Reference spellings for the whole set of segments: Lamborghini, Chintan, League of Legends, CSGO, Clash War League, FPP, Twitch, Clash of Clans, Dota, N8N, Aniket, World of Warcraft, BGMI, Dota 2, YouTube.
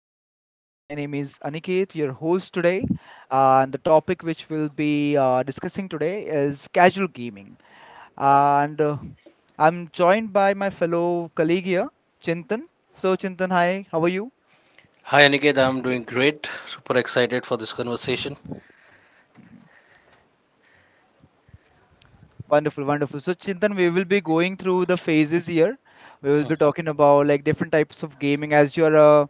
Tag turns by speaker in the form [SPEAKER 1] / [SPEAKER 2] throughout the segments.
[SPEAKER 1] hello guys, my name is Aniket, your host today. And the topic which we'll be discussing today is casual gaming. And I'm joined by my fellow colleague here, Chintan. So, Chintan, hi, how are you?
[SPEAKER 2] Hi Aniket, I'm doing great. Super excited for this conversation.
[SPEAKER 1] Mhm. Wonderful, wonderful. So, Chintan, we will be going through the phases here. We will be talking about like different types of gaming as you're a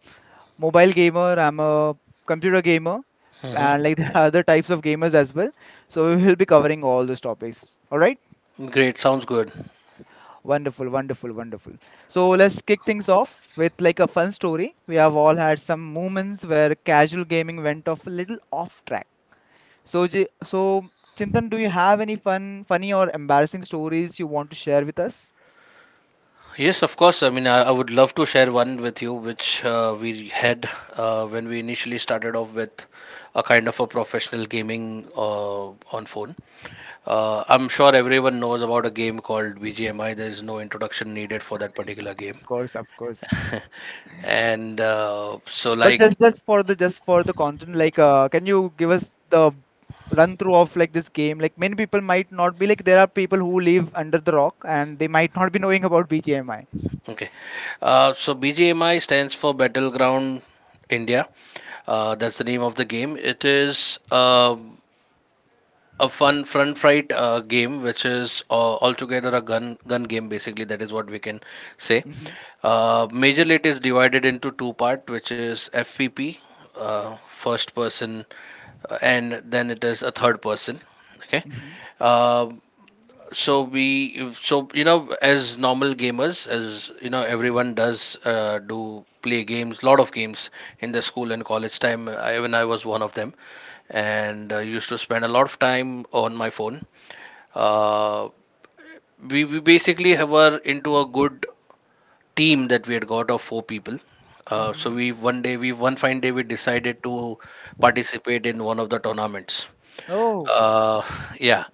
[SPEAKER 1] mobile gamer, I'm a computer gamer,
[SPEAKER 2] hmm
[SPEAKER 1] and like there are other types of gamers as well. So, we will be covering all those topics. All right?
[SPEAKER 2] Great, sounds good.
[SPEAKER 1] Wonderful, wonderful, wonderful. So let's kick things off with like a fun story. We have all had some moments where casual gaming went off a little off track. So Chintan, do you have any funny or embarrassing stories you want to share with us?
[SPEAKER 2] Yes, of course. I would love to share one with you, which we had when we initially started off with a kind of a professional gaming on phone. I'm sure everyone knows about a game called BGMI. There is no introduction needed for that particular game.
[SPEAKER 1] Of of course, Chintan.
[SPEAKER 2] and so,
[SPEAKER 1] But
[SPEAKER 2] like
[SPEAKER 1] just for the content, like, can you give us the run through of like this game? Like, many people might not be like there are people who live under the rock and they might not be knowing about BGMI.
[SPEAKER 2] Okay. So BGMI stands for Battleground India. That's the name of the game. It is a fun front fight game, which is altogether a gun game. Basically, that is what we can say.
[SPEAKER 1] Mhm,
[SPEAKER 2] Majorly, it is divided into two-part, which is FPP, first person, and then it is a third person. Okay.
[SPEAKER 1] mhm,
[SPEAKER 2] Uh, so we, so you know, as normal gamers, as you know, everyone does do play games, lot of games in the school and college time. Even I was one of them, and used to spend a lot of time on my phone. Uh, we, we basically were into a good team that we had got of four people. So
[SPEAKER 1] mhm.
[SPEAKER 2] we one day we One fine day we decided to participate in one of the tournaments.
[SPEAKER 1] Oh,
[SPEAKER 2] Uh, yeah,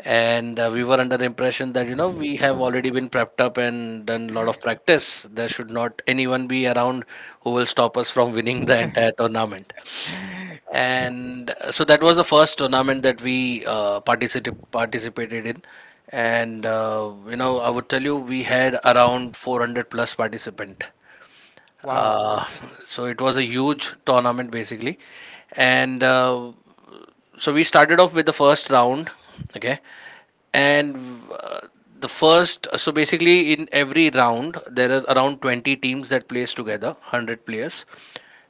[SPEAKER 2] and we were under the impression that, you know, we have already been prepped up and done a lot of practice. There should not anyone be around who will stop us from winning the entire tournament. And so that was the first tournament that we participated in. And you know, I would tell you, we had around 400 plus participant.
[SPEAKER 1] wow.
[SPEAKER 2] uh, so it was a huge tournament basically. And so we started off with the first round. Okay. and uh, the first so Basically, in every round, there are around 20 teams that plays together, 100 players.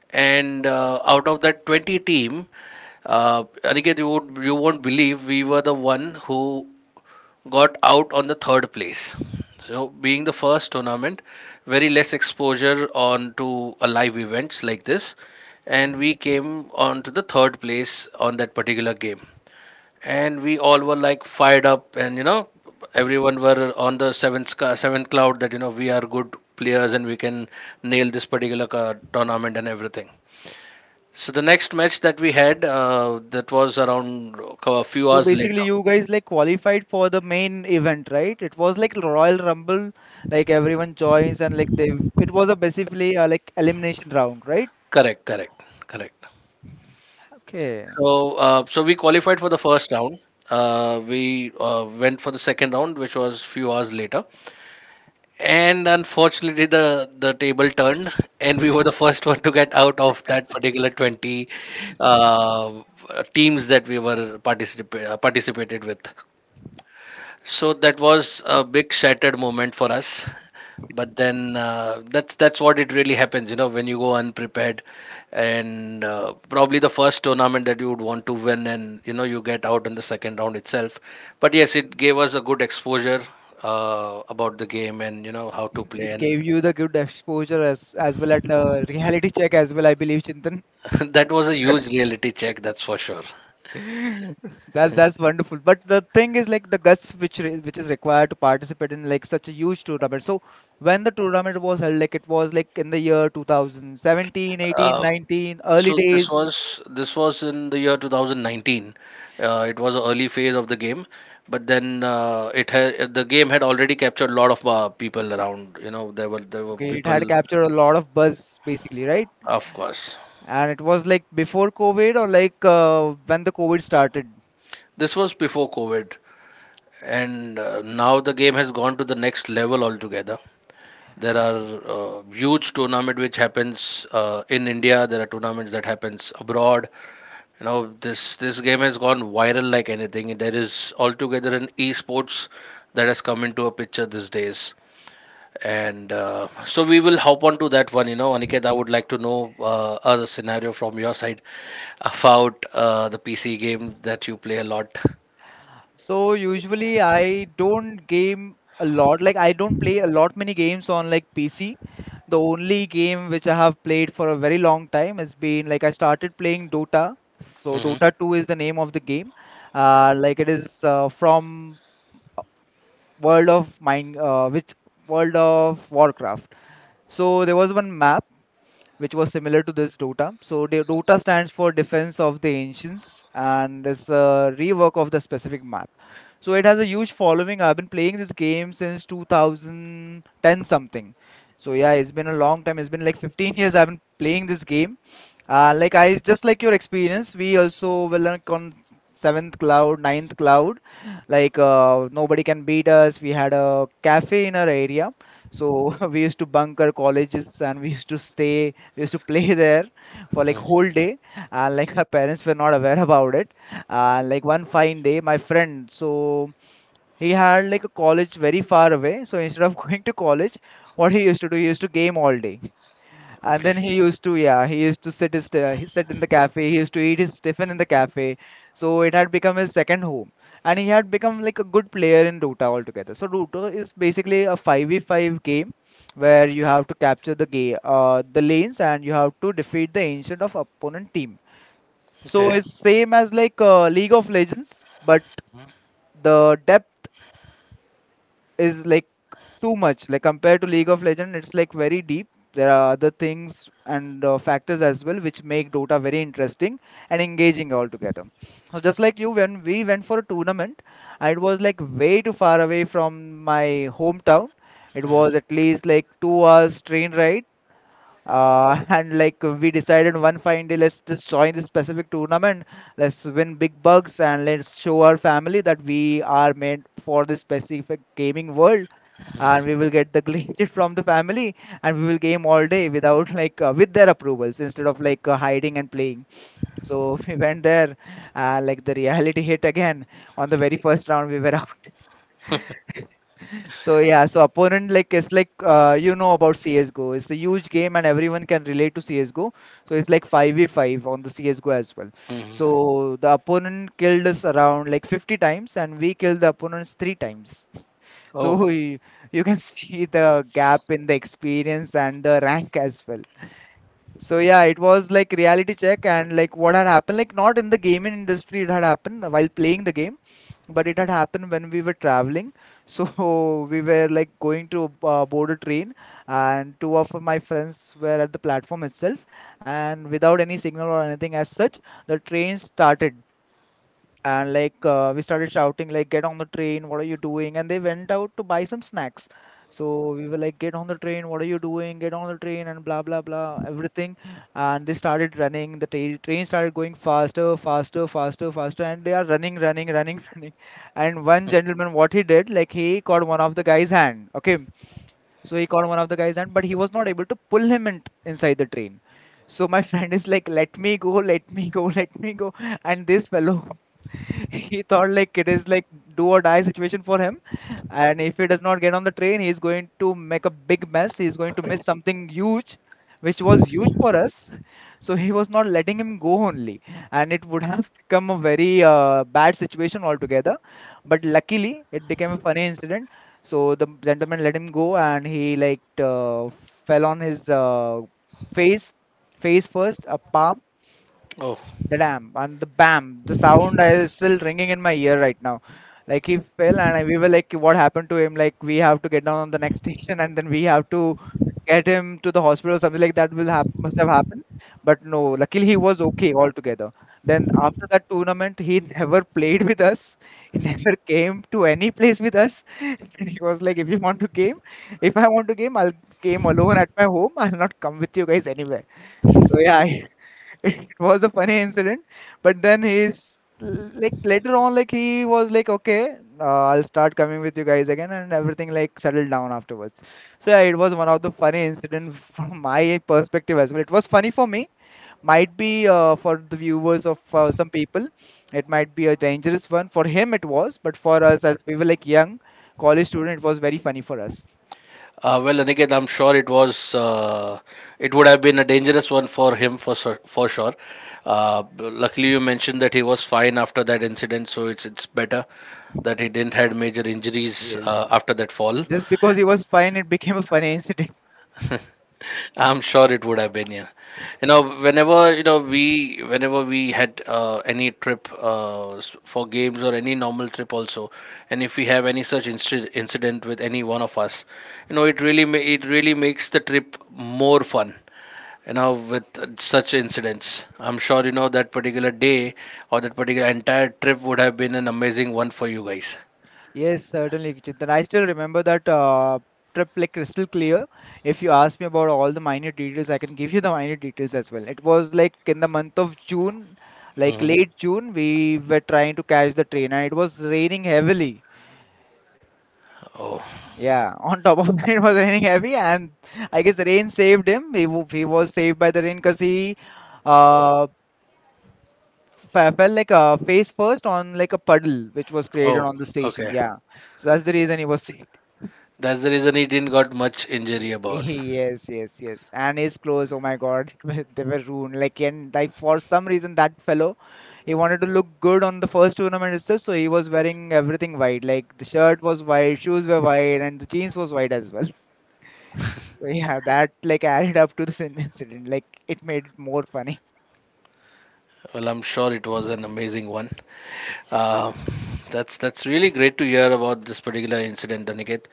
[SPEAKER 2] And out of that 20 team, Aniket, you won't believe, we were the one who got out on the third place. So, being the first tournament, very less exposure on to a live events like this, and
[SPEAKER 1] Mhm.
[SPEAKER 2] we came on to the third place on that particular game. And we all were like fired up, and you know, everyone were on the seventh cloud that, you know, we are good players and we can nail this particular tournament and everything. So the next match that we had, that was around a few
[SPEAKER 1] So
[SPEAKER 2] hours
[SPEAKER 1] basically,
[SPEAKER 2] later.
[SPEAKER 1] you guys like qualified for the main event, right? It was like Royal Rumble, like everyone joins and like they. It was a basically like elimination round, right?
[SPEAKER 2] Correct, correct, correct.
[SPEAKER 1] Okay,
[SPEAKER 2] So, we qualified for the first round. We went for the second round, which was few hours later. And unfortunately, the table turned, and we were the first one to get out of that particular 20 uh, teams that we were participated with. So that was a big shattered moment for us. But then that's what it really happens, you know, when you go unprepared, and probably the first tournament that you would want to win, and you know you get out in the second round itself. But yes, it gave us a good exposure about the game and you know how to play,
[SPEAKER 1] it
[SPEAKER 2] and
[SPEAKER 1] gave you the good exposure as well as the reality check as well, I believe, Chintan.
[SPEAKER 2] that was a huge reality check, that's for sure.
[SPEAKER 1] That's wonderful. But the thing is like the guts which re which is required to participate in like such a huge tournament. So when the tournament was held, like it was like in the year 2017, 18,
[SPEAKER 2] Uh,
[SPEAKER 1] 19,
[SPEAKER 2] So
[SPEAKER 1] early
[SPEAKER 2] this
[SPEAKER 1] days.
[SPEAKER 2] was this was in the year 2019. It was an early phase of the game, but then it had the game had already captured a lot of people around. You know, there were
[SPEAKER 1] Okay, it
[SPEAKER 2] people,
[SPEAKER 1] had captured a lot of buzz basically, right?
[SPEAKER 2] of course.
[SPEAKER 1] And it was like before COVID or like when the COVID started.
[SPEAKER 2] This was before COVID. And now the game has gone to the next level altogether. There are huge tournament which happens in India, there are tournaments that happens abroad. You know, this game has gone viral like anything. There is altogether an esports that has come into a picture these days. And so we will hop on to that one. You know, Aniket, I would like to know, as a scenario from your side, about the PC game that you play a lot.
[SPEAKER 1] So usually I don't game a lot. Like I don't play a lot many games on like PC. The only game which I have played for a very long time has been like I started playing Dota. So Dota 2 is the name of the game. Like it is from World of Mine, which World of Warcraft. So there was one map which was similar to this Dota. So the Dota stands for Defense of the Ancients and it's a rework of the specific map. So it has a huge following. I've been playing this game since 2010 something. So yeah, it's been a long time. It's been like 15 years I've been playing this game. Like I just like your experience, we also were like on seventh cloud, ninth cloud. Like nobody can beat us. We had a cafe in our area, so we used to bunker colleges and we used to stay. We used to play there for like whole day, and like our parents were not aware about it like one fine day my friend he had like a college very far away, so instead of going to college, what he used to do, he used to game all day. And
[SPEAKER 2] Okay.
[SPEAKER 1] then he used to, yeah, he used to sit he sit in the cafe. He used to eat his tiffin in the cafe. So it had become his second home, and he had become like a good player in Dota altogether. So Dota is basically a five v five game where you have to capture the the lanes, and you have to defeat the ancient of opponent team.
[SPEAKER 2] Okay.
[SPEAKER 1] So it's same as like League of Legends, but the depth. Is like too much like compared to League of Legends. It's like very deep. There are other things and factors as well which make Dota very interesting and engaging altogether. So just like you, when we went for a tournament, it was like way too far away from my hometown. It was at least like 2 hours train ride, and like we decided one fine day, let's just join this specific tournament, let's win big bucks and let's show our family that we are made for this specific gaming world, and we will get the glitched from the family, and we will game all day without like with their approvals, instead of like hiding and playing. So we went there. Like the reality hit again. On the very first round, we were out. So yeah, so opponent like it's like you know about CSGO, it's a huge game and everyone can relate to CSGO. So it's like 5v5 on the CSGO as well. So the opponent killed us around like 50 times and we killed the opponents three times.
[SPEAKER 2] Oh.
[SPEAKER 1] So you can see the gap in the experience and the rank as well. So yeah, it was like reality check and like what had happened, like not in the gaming industry, it had happened while playing the game, but it had happened when we were traveling. So we were like going to board a train, and two of my friends were at the platform itself, and without any signal or anything as such, the train started, and like we started shouting like, get on the train, what are you doing? And they went out to buy some snacks. So we were like, get on the train, what are you doing, get on the train, and blah blah blah everything. And they started running. The train started going faster faster faster faster and they are running running running running. And one gentleman, what he did, like he caught one of the guy's hand, okay? So he caught one of the guy's hand, but he was not able to pull him inside the train. So my friend is like, let me go, let me go, let me go. And this fellow he thought like it is like do or die situation for him, and if he does not get on the train, he's going to make a big mess. He's going to miss something huge, which was huge for us. So he was not letting him go only, and it would have become a very bad situation altogether. But luckily, it became a funny incident. So the gentleman let him go, and he like uh, fell on his face, face first, a palm.
[SPEAKER 2] Oh,
[SPEAKER 1] The dam and the bam. The sound is still ringing in my ear right now. Like he fell and we were like, what happened to him? Like we have to get down on the next station and then we have to get him to the hospital or something like that will must have happened. But no, luckily he was okay altogether. Then after that tournament, he never played with us. He never came to any place with us. And he was like, if you want to game, if I want to game, I'll game alone at my home. I'll not come with you guys anywhere. So yeah, I it was a funny incident, but then he's l- like later on, like he was like, okay, I'll start coming with you guys again, and everything like settled down afterwards. So yeah, it was one of the funny incident from my perspective as well. It was funny for me, might be for the viewers of some people, it might be a dangerous one. For him, it was, but for us, as we were like young college student, it was very funny for us.
[SPEAKER 2] well, Aniket, I'm sure it was. It would have been a dangerous one for him for sure. Luckily, you mentioned that he was fine after that incident, so it's better that he didn't had major injuries
[SPEAKER 1] Yes.
[SPEAKER 2] after that fall.
[SPEAKER 1] Just because he was fine, it became a funny incident.
[SPEAKER 2] I'm sure it would have been, yeah. You know, whenever you know whenever we had any trip for games or any normal trip also, and if we have any such incident with any one of us, you know, it really it really makes the trip more fun. You know, with such incidents, I'm sure you know that particular day or that particular entire trip would have been an amazing one for you guys.
[SPEAKER 1] Yes, certainly, Chintan. I still remember that trip like crystal clear. If you ask me about all the minor details, I can give you the minor details as well. It was like in the month of June, like late June, we were trying to catch the train and it was raining heavily.
[SPEAKER 2] Oh,
[SPEAKER 1] Yeah, on top of that, it was raining heavy, and I guess the rain saved him. He was saved by the rain because he uh, fell like a face first on like a puddle which was created
[SPEAKER 2] oh,
[SPEAKER 1] on the station.
[SPEAKER 2] okay.
[SPEAKER 1] Yeah, so that's the reason he was sick.
[SPEAKER 2] That's the reason he didn't got much injury about.
[SPEAKER 1] Yes, yes, yes. And his clothes, oh my God, they were ruined. Like and like for some reason that fellow, he wanted to look good on the first tournament itself, so he was wearing everything white. Like the shirt was white, shoes were white, and the jeans was white as well. So yeah, that like added up to this incident. Like it made it more funny.
[SPEAKER 2] Well, I'm sure it was an amazing one. Uh, that's really great to hear about this particular incident, Aniket.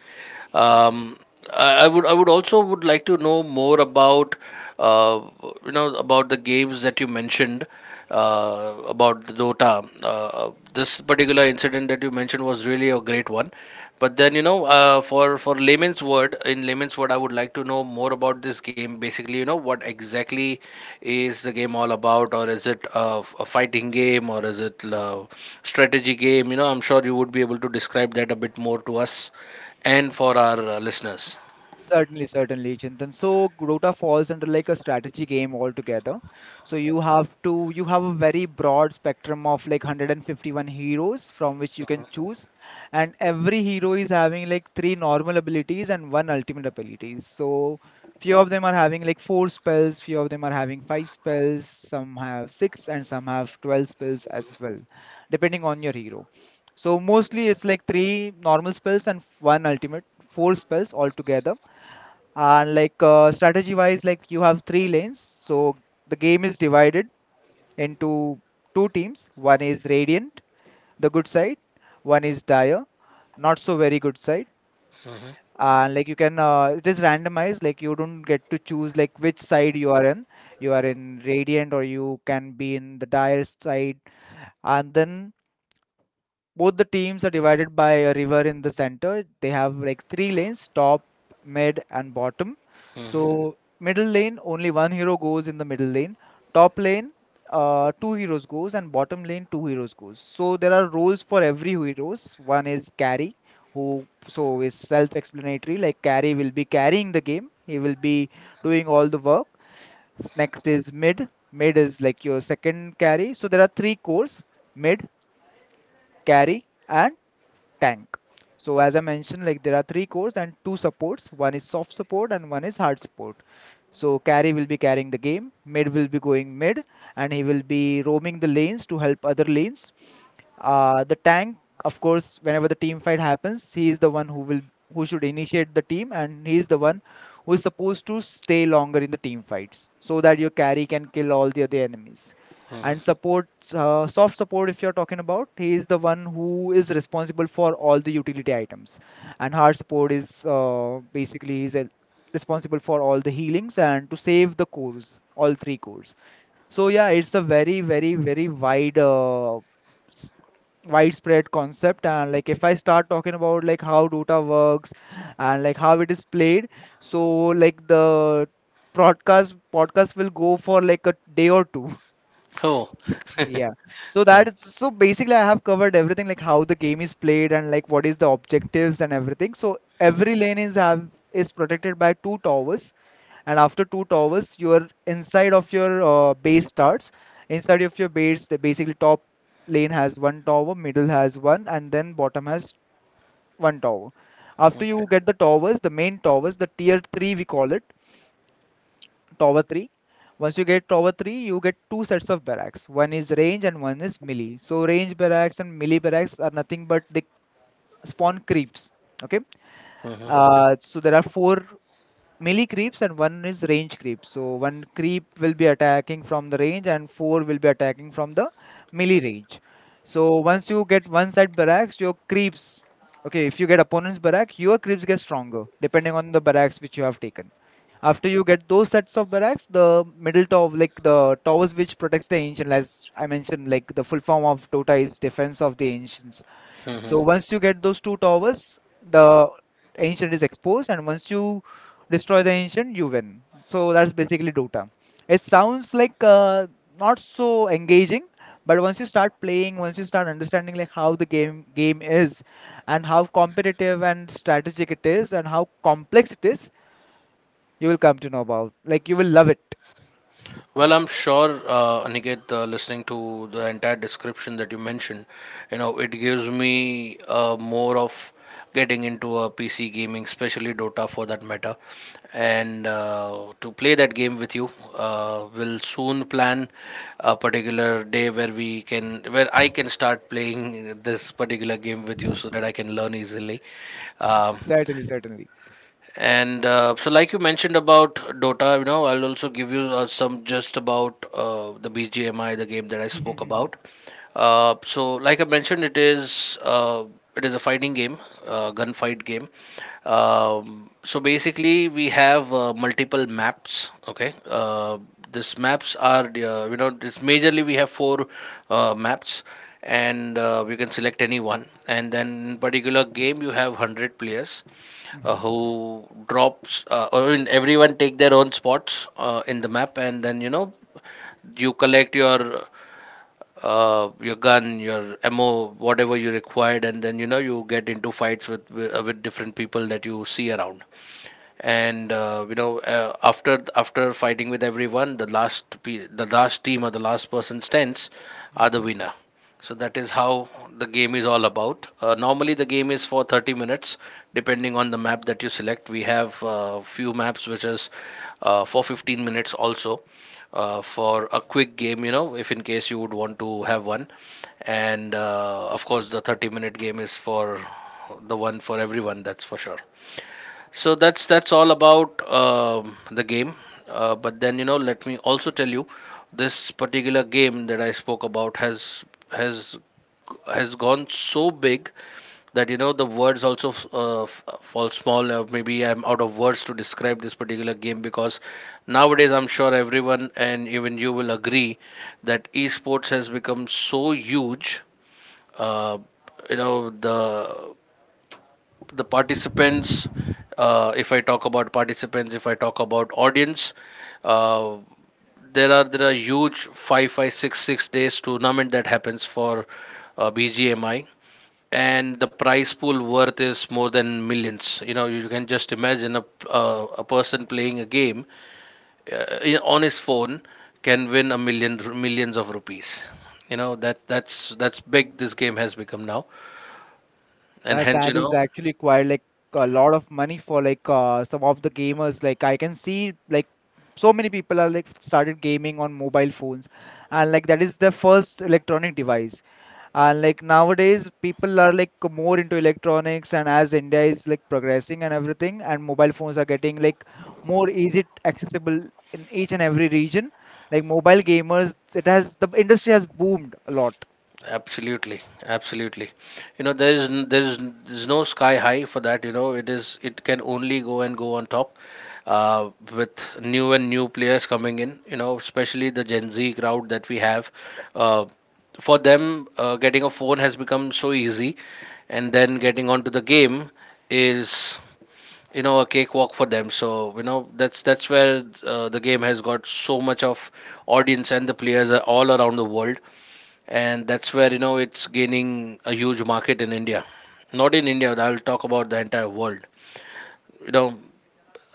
[SPEAKER 2] Um, I would like to know more about uh, you know about the games that you mentioned, about the Dota. This particular incident that you mentioned was really a great one. But then you know, for layman's word, in layman's word, I would like to know more about this game. Basically, you know, what exactly is the game all about, or is it a fighting game, or is it strategy game? You know, I'm sure you would be able to describe that a bit more to us and for our listeners.
[SPEAKER 1] Certainly, certainly, Chintan. So Dota falls under like a strategy game altogether. So you have a very broad spectrum of like 151 heroes from which you can choose, and every hero is having like three normal abilities and one ultimate abilities. So few of them are having like four spells, few of them are having five spells, some have six, and some have 12 spells as well, depending on your hero. So mostly it's like three normal spells and one ultimate, four spells altogether, and like strategy wise, like you have three lanes. So the game is divided into two teams. One is radiant, the good side. One is dire, not so very good side. And like you can, it is randomized, like you don't get to choose like which side you are in. You are in radiant or you can be in the dire side. And then both the teams are divided by a river in the center. They have like three lanes: top, mid, and bottom. So middle lane, only one hero goes in the middle lane. Top lane, two heroes goes, and bottom lane, two heroes goes. So there are roles for every heroes. One is carry, who so is self explanatory, like carry will be carrying the game, he will be doing all the work. Next is mid. Mid is like your second carry. So there are three cores: mid, carry, and tank. So as I mentioned, like there are three cores and two supports. One is soft support and one is hard support. So carry will be carrying the game, mid will be going mid, and he will be roaming the lanes to help other lanes. The tank, of course, whenever the team fight happens, he is the one who will, who should initiate the team, and he is the one who is supposed to stay longer in the team fights, so that your carry can kill all the other enemies. And support, soft support, if you're talking about, he is the one who is responsible for all the utility items, and hard support is basically is responsible for all the healings and to save the cores, all three cores. So yeah, it's a very wide, s- widespread concept. And like, if I start talking about like how Dota works and like how it is played, so like the broadcast podcast will go for like a day or two.
[SPEAKER 2] Oh,
[SPEAKER 1] Yeah. So that is, so basically I have covered everything like how the game is played and like what is the objectives and everything. So every lane is have is protected by two towers, and after two towers you're inside of your base starts. Inside of your base, the basically top lane has one tower, middle has one, and then bottom has one tower. After
[SPEAKER 2] okay.
[SPEAKER 1] you get the towers, the main towers, the tier 3 we call it, tower 3. Once you get tower 3, you get two sets of barracks. One is range and one is melee. So range barracks and melee barracks are nothing but they spawn creeps. Okay, so there are four melee creeps and one is range creep. So one creep will be attacking from the range and four will be attacking from the melee range. So once you get one side barracks, your creeps, okay, if you get opponent's barrack, your creeps get stronger depending on the barracks which you have taken. After you get those sets of barracks, the middle tower, like the towers which protects the ancient, as I mentioned, like the full form of Dota is defense of the ancients. So once you get those two towers, the ancient is exposed, and once you destroy the ancient, you win. So that's basically Dota. It sounds like not so engaging, but once you start playing, once you start understanding like how the game is, and how competitive and strategic it is, and how complex it is, you will come to know about. Like you will love it.
[SPEAKER 2] Well, I'm sure, Aniket, listening to the entire description that you mentioned, you know, it gives me more of getting into a PC gaming, especially Dota for that matter. And to play that game with you, we'll soon plan a particular day where where I can start playing this particular game with you so that I can learn easily. Um
[SPEAKER 1] Certainly, certainly.
[SPEAKER 2] and so, like you mentioned about Dota, you know, I'll also give you some just about the BGMI, the game that I spoke
[SPEAKER 1] Mhm,
[SPEAKER 2] about. So, like I mentioned, it is a fighting game, gunfight game. So basically, we have multiple maps. Okay, these maps are the, you know, this majorly we have four maps. And you can select any one, and then in particular game you have 100 players
[SPEAKER 1] mhm, mhm,
[SPEAKER 2] who drops. Everyone take their own spots in the map, and then you know you collect your gun, your ammo, whatever you required, and then you know you get into fights with with different people that you see around. And you know, after fighting with everyone, the the last team or the last person stands are the
[SPEAKER 1] mhm.
[SPEAKER 2] winner. So that is how the game is all about. Normally, the game is for 30 minutes, depending on the map that you select. We have a few maps which is for 15 minutes also, for a quick game, you know, if in case you would want to have one. And of course, the 30-minute game is for the one for everyone, that's for sure. So that's all about the game. But then you know, let me also tell you, this particular game that I spoke about has has gone so big that you know the words also fall small. Maybe I'm out of words to describe this particular game, because nowadays I'm sure everyone and even you will agree that esports has become so huge. uh, you know, the participants, if I talk about participants, if I talk about audience, uh, there are huge five five six six days tournament that happens for bgmi. And the prize pool worth is more than millions. You know, you can just imagine a person playing a game, on his phone, can win a million millions of rupees. You know, that's big this game has become now. And
[SPEAKER 1] That
[SPEAKER 2] hence, you
[SPEAKER 1] that is
[SPEAKER 2] know.
[SPEAKER 1] actually quite like a lot of money for like some of the gamers. Like I can see like so many people are like started gaming on mobile phones, and like that is their first electronic device. And like nowadays, people are like more into electronics, and as India is like progressing and everything, and mobile phones are getting like more easy accessible in each and every region. Like mobile gamers, it has, the industry has boomed a lot.
[SPEAKER 2] Absolutely. Absolutely. You know, there's no sky high for that. You know, it can only go and go on top, with new and new players coming in. You know, especially the Gen Z crowd that we have. uh, for them, getting a phone has become so easy, and then getting onto the game is, you know, a cakewalk for them. So you know that's where, the game has got so much of audience, and the players are all around the world. And that's where, you know, it's gaining a huge market in India. Not in India, I'll talk about the entire world. You know,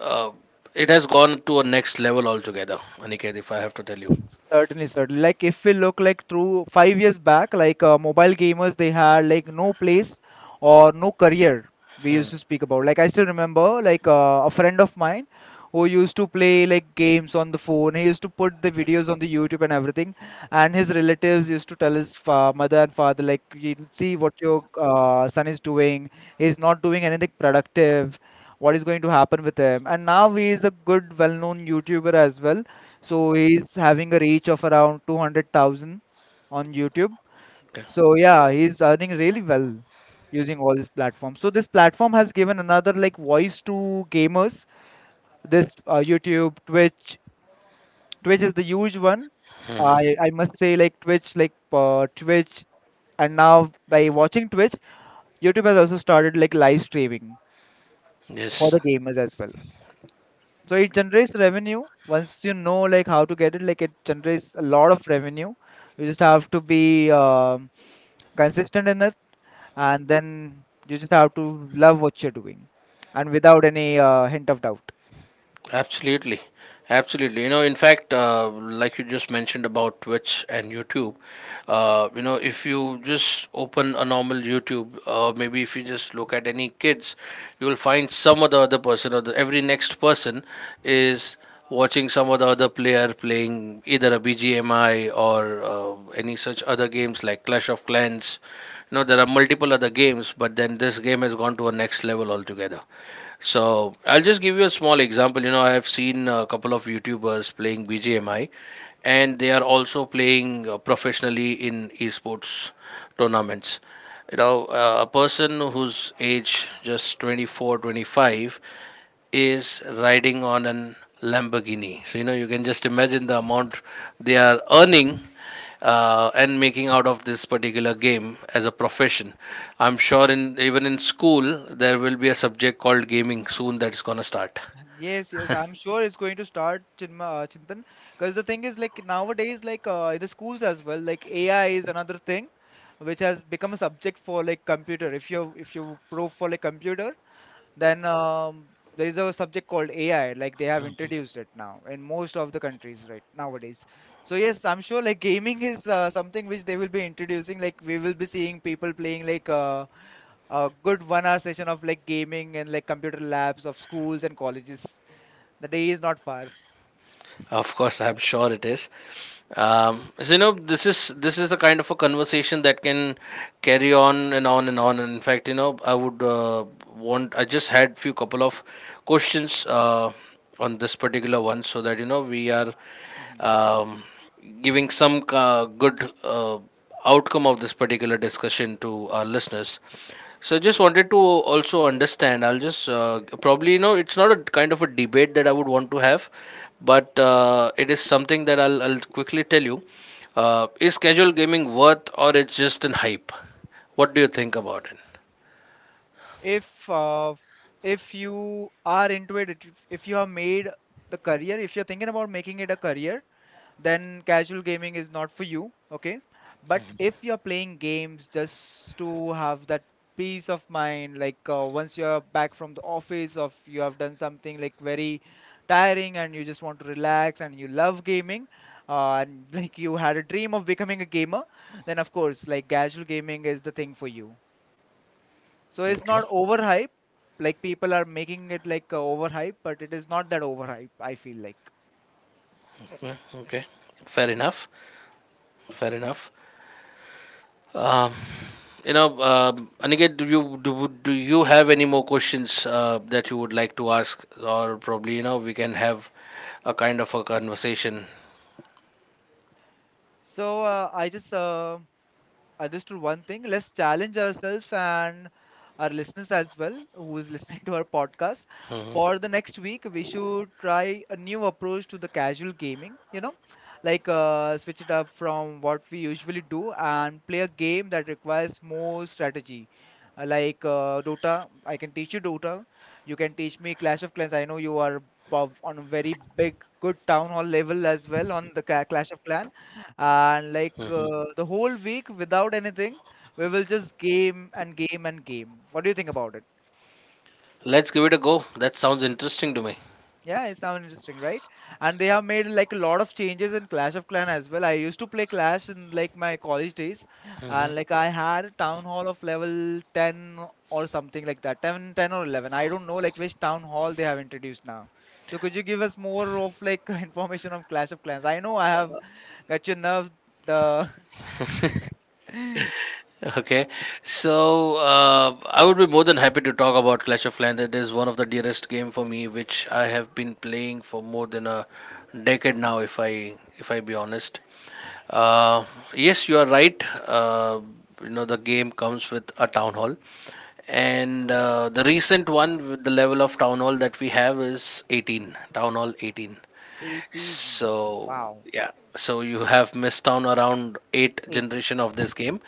[SPEAKER 2] uh, it has gone to a next level altogether, Aniket, if I have to tell you.
[SPEAKER 1] Certainly, certainly. Like if we look like through 5 years back, like mobile gamers, they had like no place or no career. We used
[SPEAKER 2] Hmm.
[SPEAKER 1] to speak about. Like I still remember, like a friend of mine who used to play like games on the phone. He used to put the videos on the YouTube and everything. And his relatives used to tell his mother and father, like, "You'll see what your son is doing. He's not doing anything productive. What is going to happen with him?" And now he is a good, well-known YouTuber as well, so he's having a reach of around 200,000 on YouTube.
[SPEAKER 2] Okay.
[SPEAKER 1] So yeah, he's earning really well using all these platforms. So this platform has given another like voice to gamers. This YouTube, Twitch, Twitch is the huge one. I must say like Twitch, and now by watching Twitch, YouTube has also started like live streaming for
[SPEAKER 2] Yes.
[SPEAKER 1] the gamers as well. So it generates revenue. Once you know like how to get it, like it generates a lot of revenue. You just have to be consistent in it, and then you just have to love what you're doing, and without any hint of doubt.
[SPEAKER 2] Absolutely, absolutely. You know, in fact, like you just mentioned about Twitch and YouTube, you know, if you just open a normal YouTube, maybe if you just look at any kids, you will find some of the other person, or every next person is watching some of the other player playing either a BGMI or any such other games like Clash of Clans. You know, there are multiple other games, but then this game has gone to a next level altogether. So I'll just give you a small example. You know, I have seen a couple of YouTubers playing BGMI, and they are also playing professionally in esports tournaments. You know, a person whose age just 24, 25 is riding on an Lamborghini. So, you know, you can just imagine the amount they are earning, and making out of this particular game as a profession. I'm sure in even in school there will be a subject called gaming soon that's going to start.
[SPEAKER 1] Yes, yes, I'm sure it's going to start, Chintan. Because the thing is, like nowadays, like in the schools as well, like AI is another thing which has become a subject for like computer. If you prove for like computer, then there is a subject called AI, like they have introduced it now in most of the countries right nowadays. So yes, I'm sure like gaming is something which they will be introducing. Like we will be seeing people playing like a good 1 hour session of like gaming and like computer labs of schools and colleges. The day is not far.
[SPEAKER 2] Of course, I'm sure it is. So you know, this is a kind of a conversation that can carry on and on and on. And in fact, you know, I would, want. I just had few couple of questions on this particular one, so that you know we are,
[SPEAKER 1] Mhm.
[SPEAKER 2] um, giving some good, Uh, outcome of this particular discussion to our listeners. So I just wanted to also understand. I'll just, probably you know it's not a kind of a debate that I would want to have, but it is something that I'll quickly tell you. Is casual gaming worth or it's just an hype? What do you think about it?
[SPEAKER 1] If uh, if you are into it, if you have made the career, if you're thinking about making it a career, then casual gaming is not for you. Okay, but if you're playing games just to have that peace of mind, like once you're back from the office or if you have done something like very tiring and you just want to relax and you love gaming, and like you had a dream of becoming a gamer, then of course like casual gaming is the thing for you. So it's
[SPEAKER 2] Okay.
[SPEAKER 1] not overhype. Like people are making it like overhype, but it is not that overhype, I feel like.
[SPEAKER 2] Okay. Fair enough. Fair enough. Um, you know, Aniket, do you have any more questions that you would like to ask, or probably you know we can have a kind of a conversation.
[SPEAKER 1] So I just understood one thing. Let's challenge ourselves and our listeners as well, who is listening to our podcast. For the next week, we should try a new approach to the casual gaming, you know, like switch it up from what we usually do and play a game that requires more strategy. Like Dota, I can teach you Dota. You can teach me Clash of Clans. I know you are on a very big, good town hall level as well on the Clash of Clans, and like the whole week without anything, we will just game and game and game. What do you think about it?
[SPEAKER 2] Let's give it a go. That sounds interesting to me.
[SPEAKER 1] Yeah, it sounds interesting, right? And they have made like a lot of changes in Clash of Clan as well. I used to play clash in like my college days, and like I had a town hall of level 10 or something like that. 10, 10 or 11, I don't know like which town hall they have introduced now. So could you give us more of like information of Clash of Clans? I know I have got your nerve, the
[SPEAKER 2] Okay, so I would be more than happy to talk about Clash of Clans. It is one of the dearest game for me, which I have been playing for more than a decade now. If I be honest, uh, yes, you are right. Uh, you know, the game comes with a town hall, and the recent one with the level of town hall that we have is 18, town hall 18.
[SPEAKER 1] 18.
[SPEAKER 2] So
[SPEAKER 1] Wow.
[SPEAKER 2] yeah, so you have missed on around eight
[SPEAKER 1] 8.
[SPEAKER 2] generation of this game,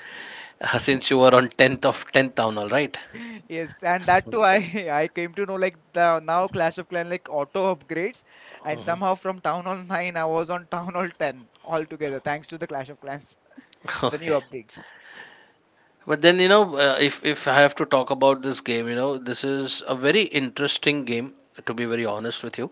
[SPEAKER 2] since you were on tenth of tenth town, all right?
[SPEAKER 1] Yes, and that too I, I came to know like the, now Clash of Clan like auto upgrades, and somehow from town hall 9 I was on town hall 10 altogether thanks to the Clash of Clans, the new
[SPEAKER 2] Okay.
[SPEAKER 1] updates.
[SPEAKER 2] But then you know, if I have to talk about this game, you know, this is a very interesting game. To be very honest with you,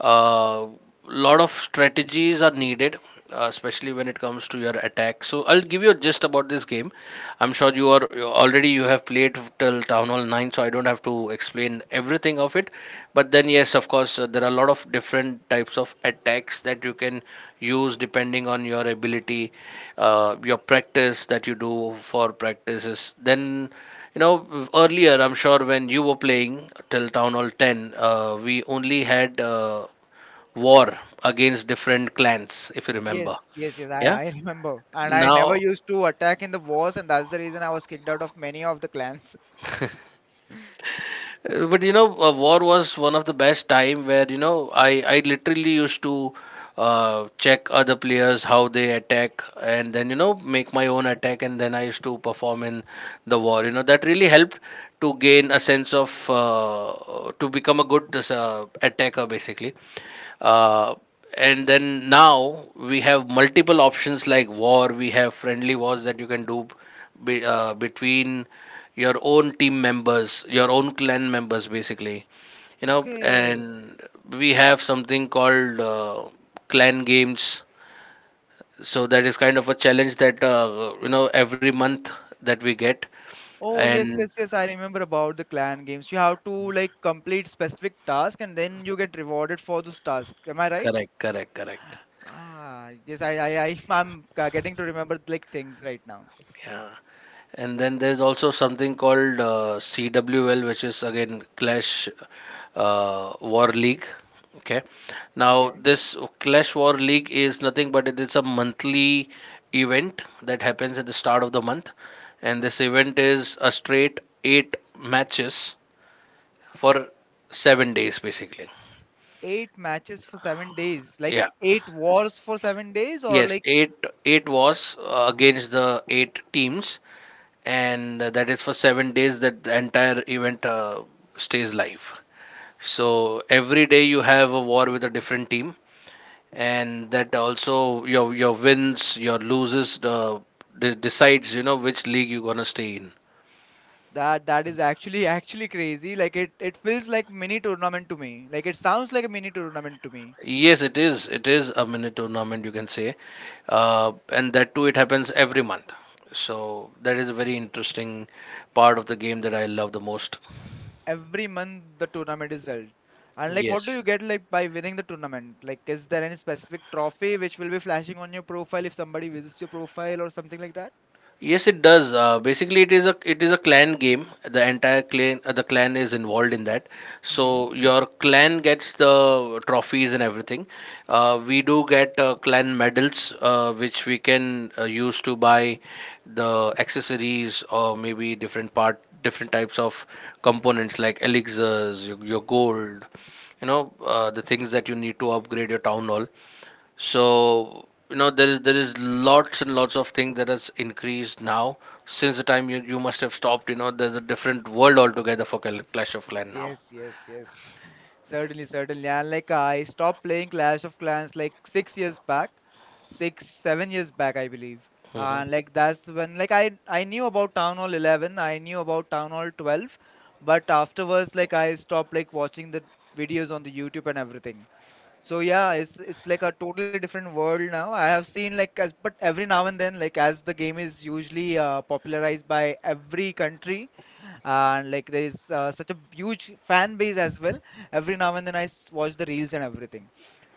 [SPEAKER 2] a, lot of strategies are needed, especially when it comes to your attack. So I'll give you a gist about this game. I'm sure you already you have played till Town Hall 9, so I don't have to explain everything of it. But then yes, of course, there are a lot of different types of attacks that you can use depending on your ability, your practice that you do for practices. Then, you know, earlier, I'm sure when you were playing till Town Hall 10, we only had war against different clans, if you remember.
[SPEAKER 1] Yes, yes, yes, i
[SPEAKER 2] Yeah.
[SPEAKER 1] i remember. And I never
[SPEAKER 2] Now,
[SPEAKER 1] used to attack in the wars, and that's the reason I was kicked out of many of the clans.
[SPEAKER 2] but you know, war was one of the best time where you know I literally used to check other players how they attack, and then you know make my own attack, and then I used to perform in the war. You know that really helped to gain a sense of, to become a good, attacker basically. Uh, and then now we have multiple options like war. We have friendly wars that you can do between your own team members, your own clan members, basically. You know,
[SPEAKER 1] Okay.
[SPEAKER 2] and we have something called clan games. So that is kind of a challenge that you know every month that we get.
[SPEAKER 1] Oh, yes,
[SPEAKER 2] And
[SPEAKER 1] yes, yes. I remember about the clan games. You have to like complete specific task and then you get rewarded for those tasks. Am I right?
[SPEAKER 2] correct, correct, correct.
[SPEAKER 1] Ah, yes, I'm getting to remember like things right now.
[SPEAKER 2] Yeah. And then there's also something called CWL, which is again Clash, War League. Okay. Now,
[SPEAKER 1] Okay.
[SPEAKER 2] this Clash War League is nothing but it is a monthly event that happens at the start of the month. And this event is a straight eight matches for 7 days, basically.
[SPEAKER 1] Eight matches for 7 days, like
[SPEAKER 2] Yeah.
[SPEAKER 1] eight wars for 7 days, or
[SPEAKER 2] Yes,
[SPEAKER 1] like,
[SPEAKER 2] eight was, against the eight teams, and that is for 7 days that the entire event stays live. So every day you have a war with a different team, and that also your wins, your loses, decides you know which league you're gonna stay in.
[SPEAKER 1] that, that is actually, actually crazy. Like it feels like mini tournament to me. Like it sounds like a mini tournament to me.
[SPEAKER 2] Yes, it is. It is a mini tournament, you can say, and that too it happens every month. So that is a very interesting part of the game that I love the most.
[SPEAKER 1] Every month the tournament is held. And like, what do
[SPEAKER 2] Yes.
[SPEAKER 1] you get like by winning the tournament? Like, is there any specific trophy which will be flashing on your profile if somebody visits your profile or something like that?
[SPEAKER 2] Yes, it does. Basically, it is a clan game. The entire clan, the clan is involved in that.
[SPEAKER 1] Hmm.
[SPEAKER 2] So your clan gets the trophies and everything. We do get clan medals, which we can use to buy the accessories or maybe different types of components like elixirs, your gold, you know, the things that you need to upgrade your town hall. So you know there is lots and lots of things that has increased now since the time you must have stopped. You know, there's a different world altogether for clash of clan now.
[SPEAKER 1] Yes, yes, yes. Certainly, certainly. And like I stopped playing Clash of Clans like 6 years back, six, 7 years back, I believe. And like that's when like I knew about Town Hall 11, I knew about Town Hall 12, but afterwards like I stopped like watching the videos on the YouTube and everything. So yeah, it's like a totally different world now. I have seen like as, but every now and then like as the game is usually popularized by every country, and like there is such a huge fan base as well. Every now and then watch the reels and everything.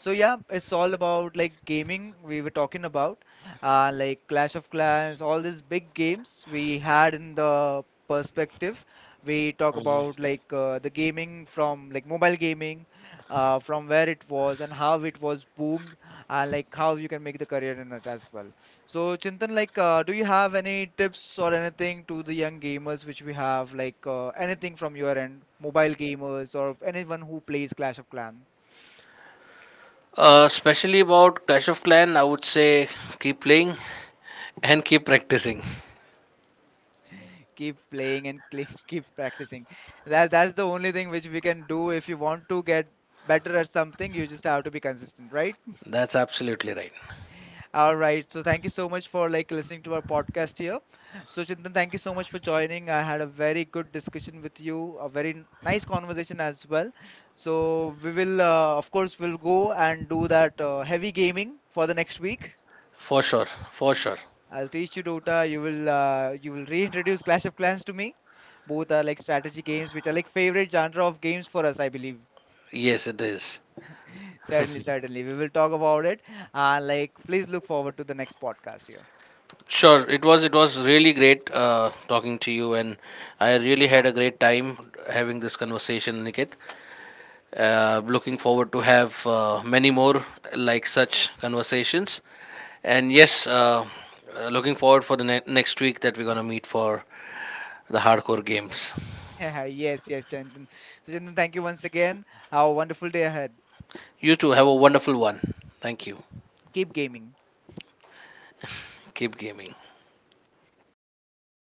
[SPEAKER 1] So yeah, it's all about like gaming we were talking about, like Clash of Clans, all these big games we had in the perspective. We talk about like the gaming from like mobile gaming, from where it was and how it was boomed, and like how you can make the career in it as well. So Chintan, like, do you have any tips or anything to the young gamers which we have, like anything from your end, mobile gamers or anyone who plays Clash of Clans?
[SPEAKER 2] Especially about clash of clan, I would say keep playing and keep practicing.
[SPEAKER 1] Keep playing and keep practicing. That that's the only thing which we can do if you want to get better at something. You just have to be consistent, right?
[SPEAKER 2] That's absolutely right.
[SPEAKER 1] All right. So thank you so much for like listening to our podcast here. So Chintan, thank you so much for joining. I had a very good discussion with you, a very nice conversation as well. So we will, of course, we'll go and do that heavy gaming for the next week.
[SPEAKER 2] For sure, for sure.
[SPEAKER 1] I'll teach you Dota. You will reintroduce Clash of Clans to me. Both are like strategy games, which are like favorite genre of games for us, I believe.
[SPEAKER 2] Yes, it is.
[SPEAKER 1] Certainly, certainly, we will talk about it. Like, please look forward to the next podcast here.
[SPEAKER 2] Sure. It was really great, talking to you, and I really had a great time having this conversation, Niket. Looking forward to have many more like such conversations. And yes, looking forward for the next week that we're gonna meet for the hardcore games.
[SPEAKER 1] Yes, yes, Chandan. So, Chandan, thank you once again. Have a wonderful day ahead.
[SPEAKER 2] You too have a wonderful one. Thank you.
[SPEAKER 1] Keep gaming.
[SPEAKER 2] Keep gaming.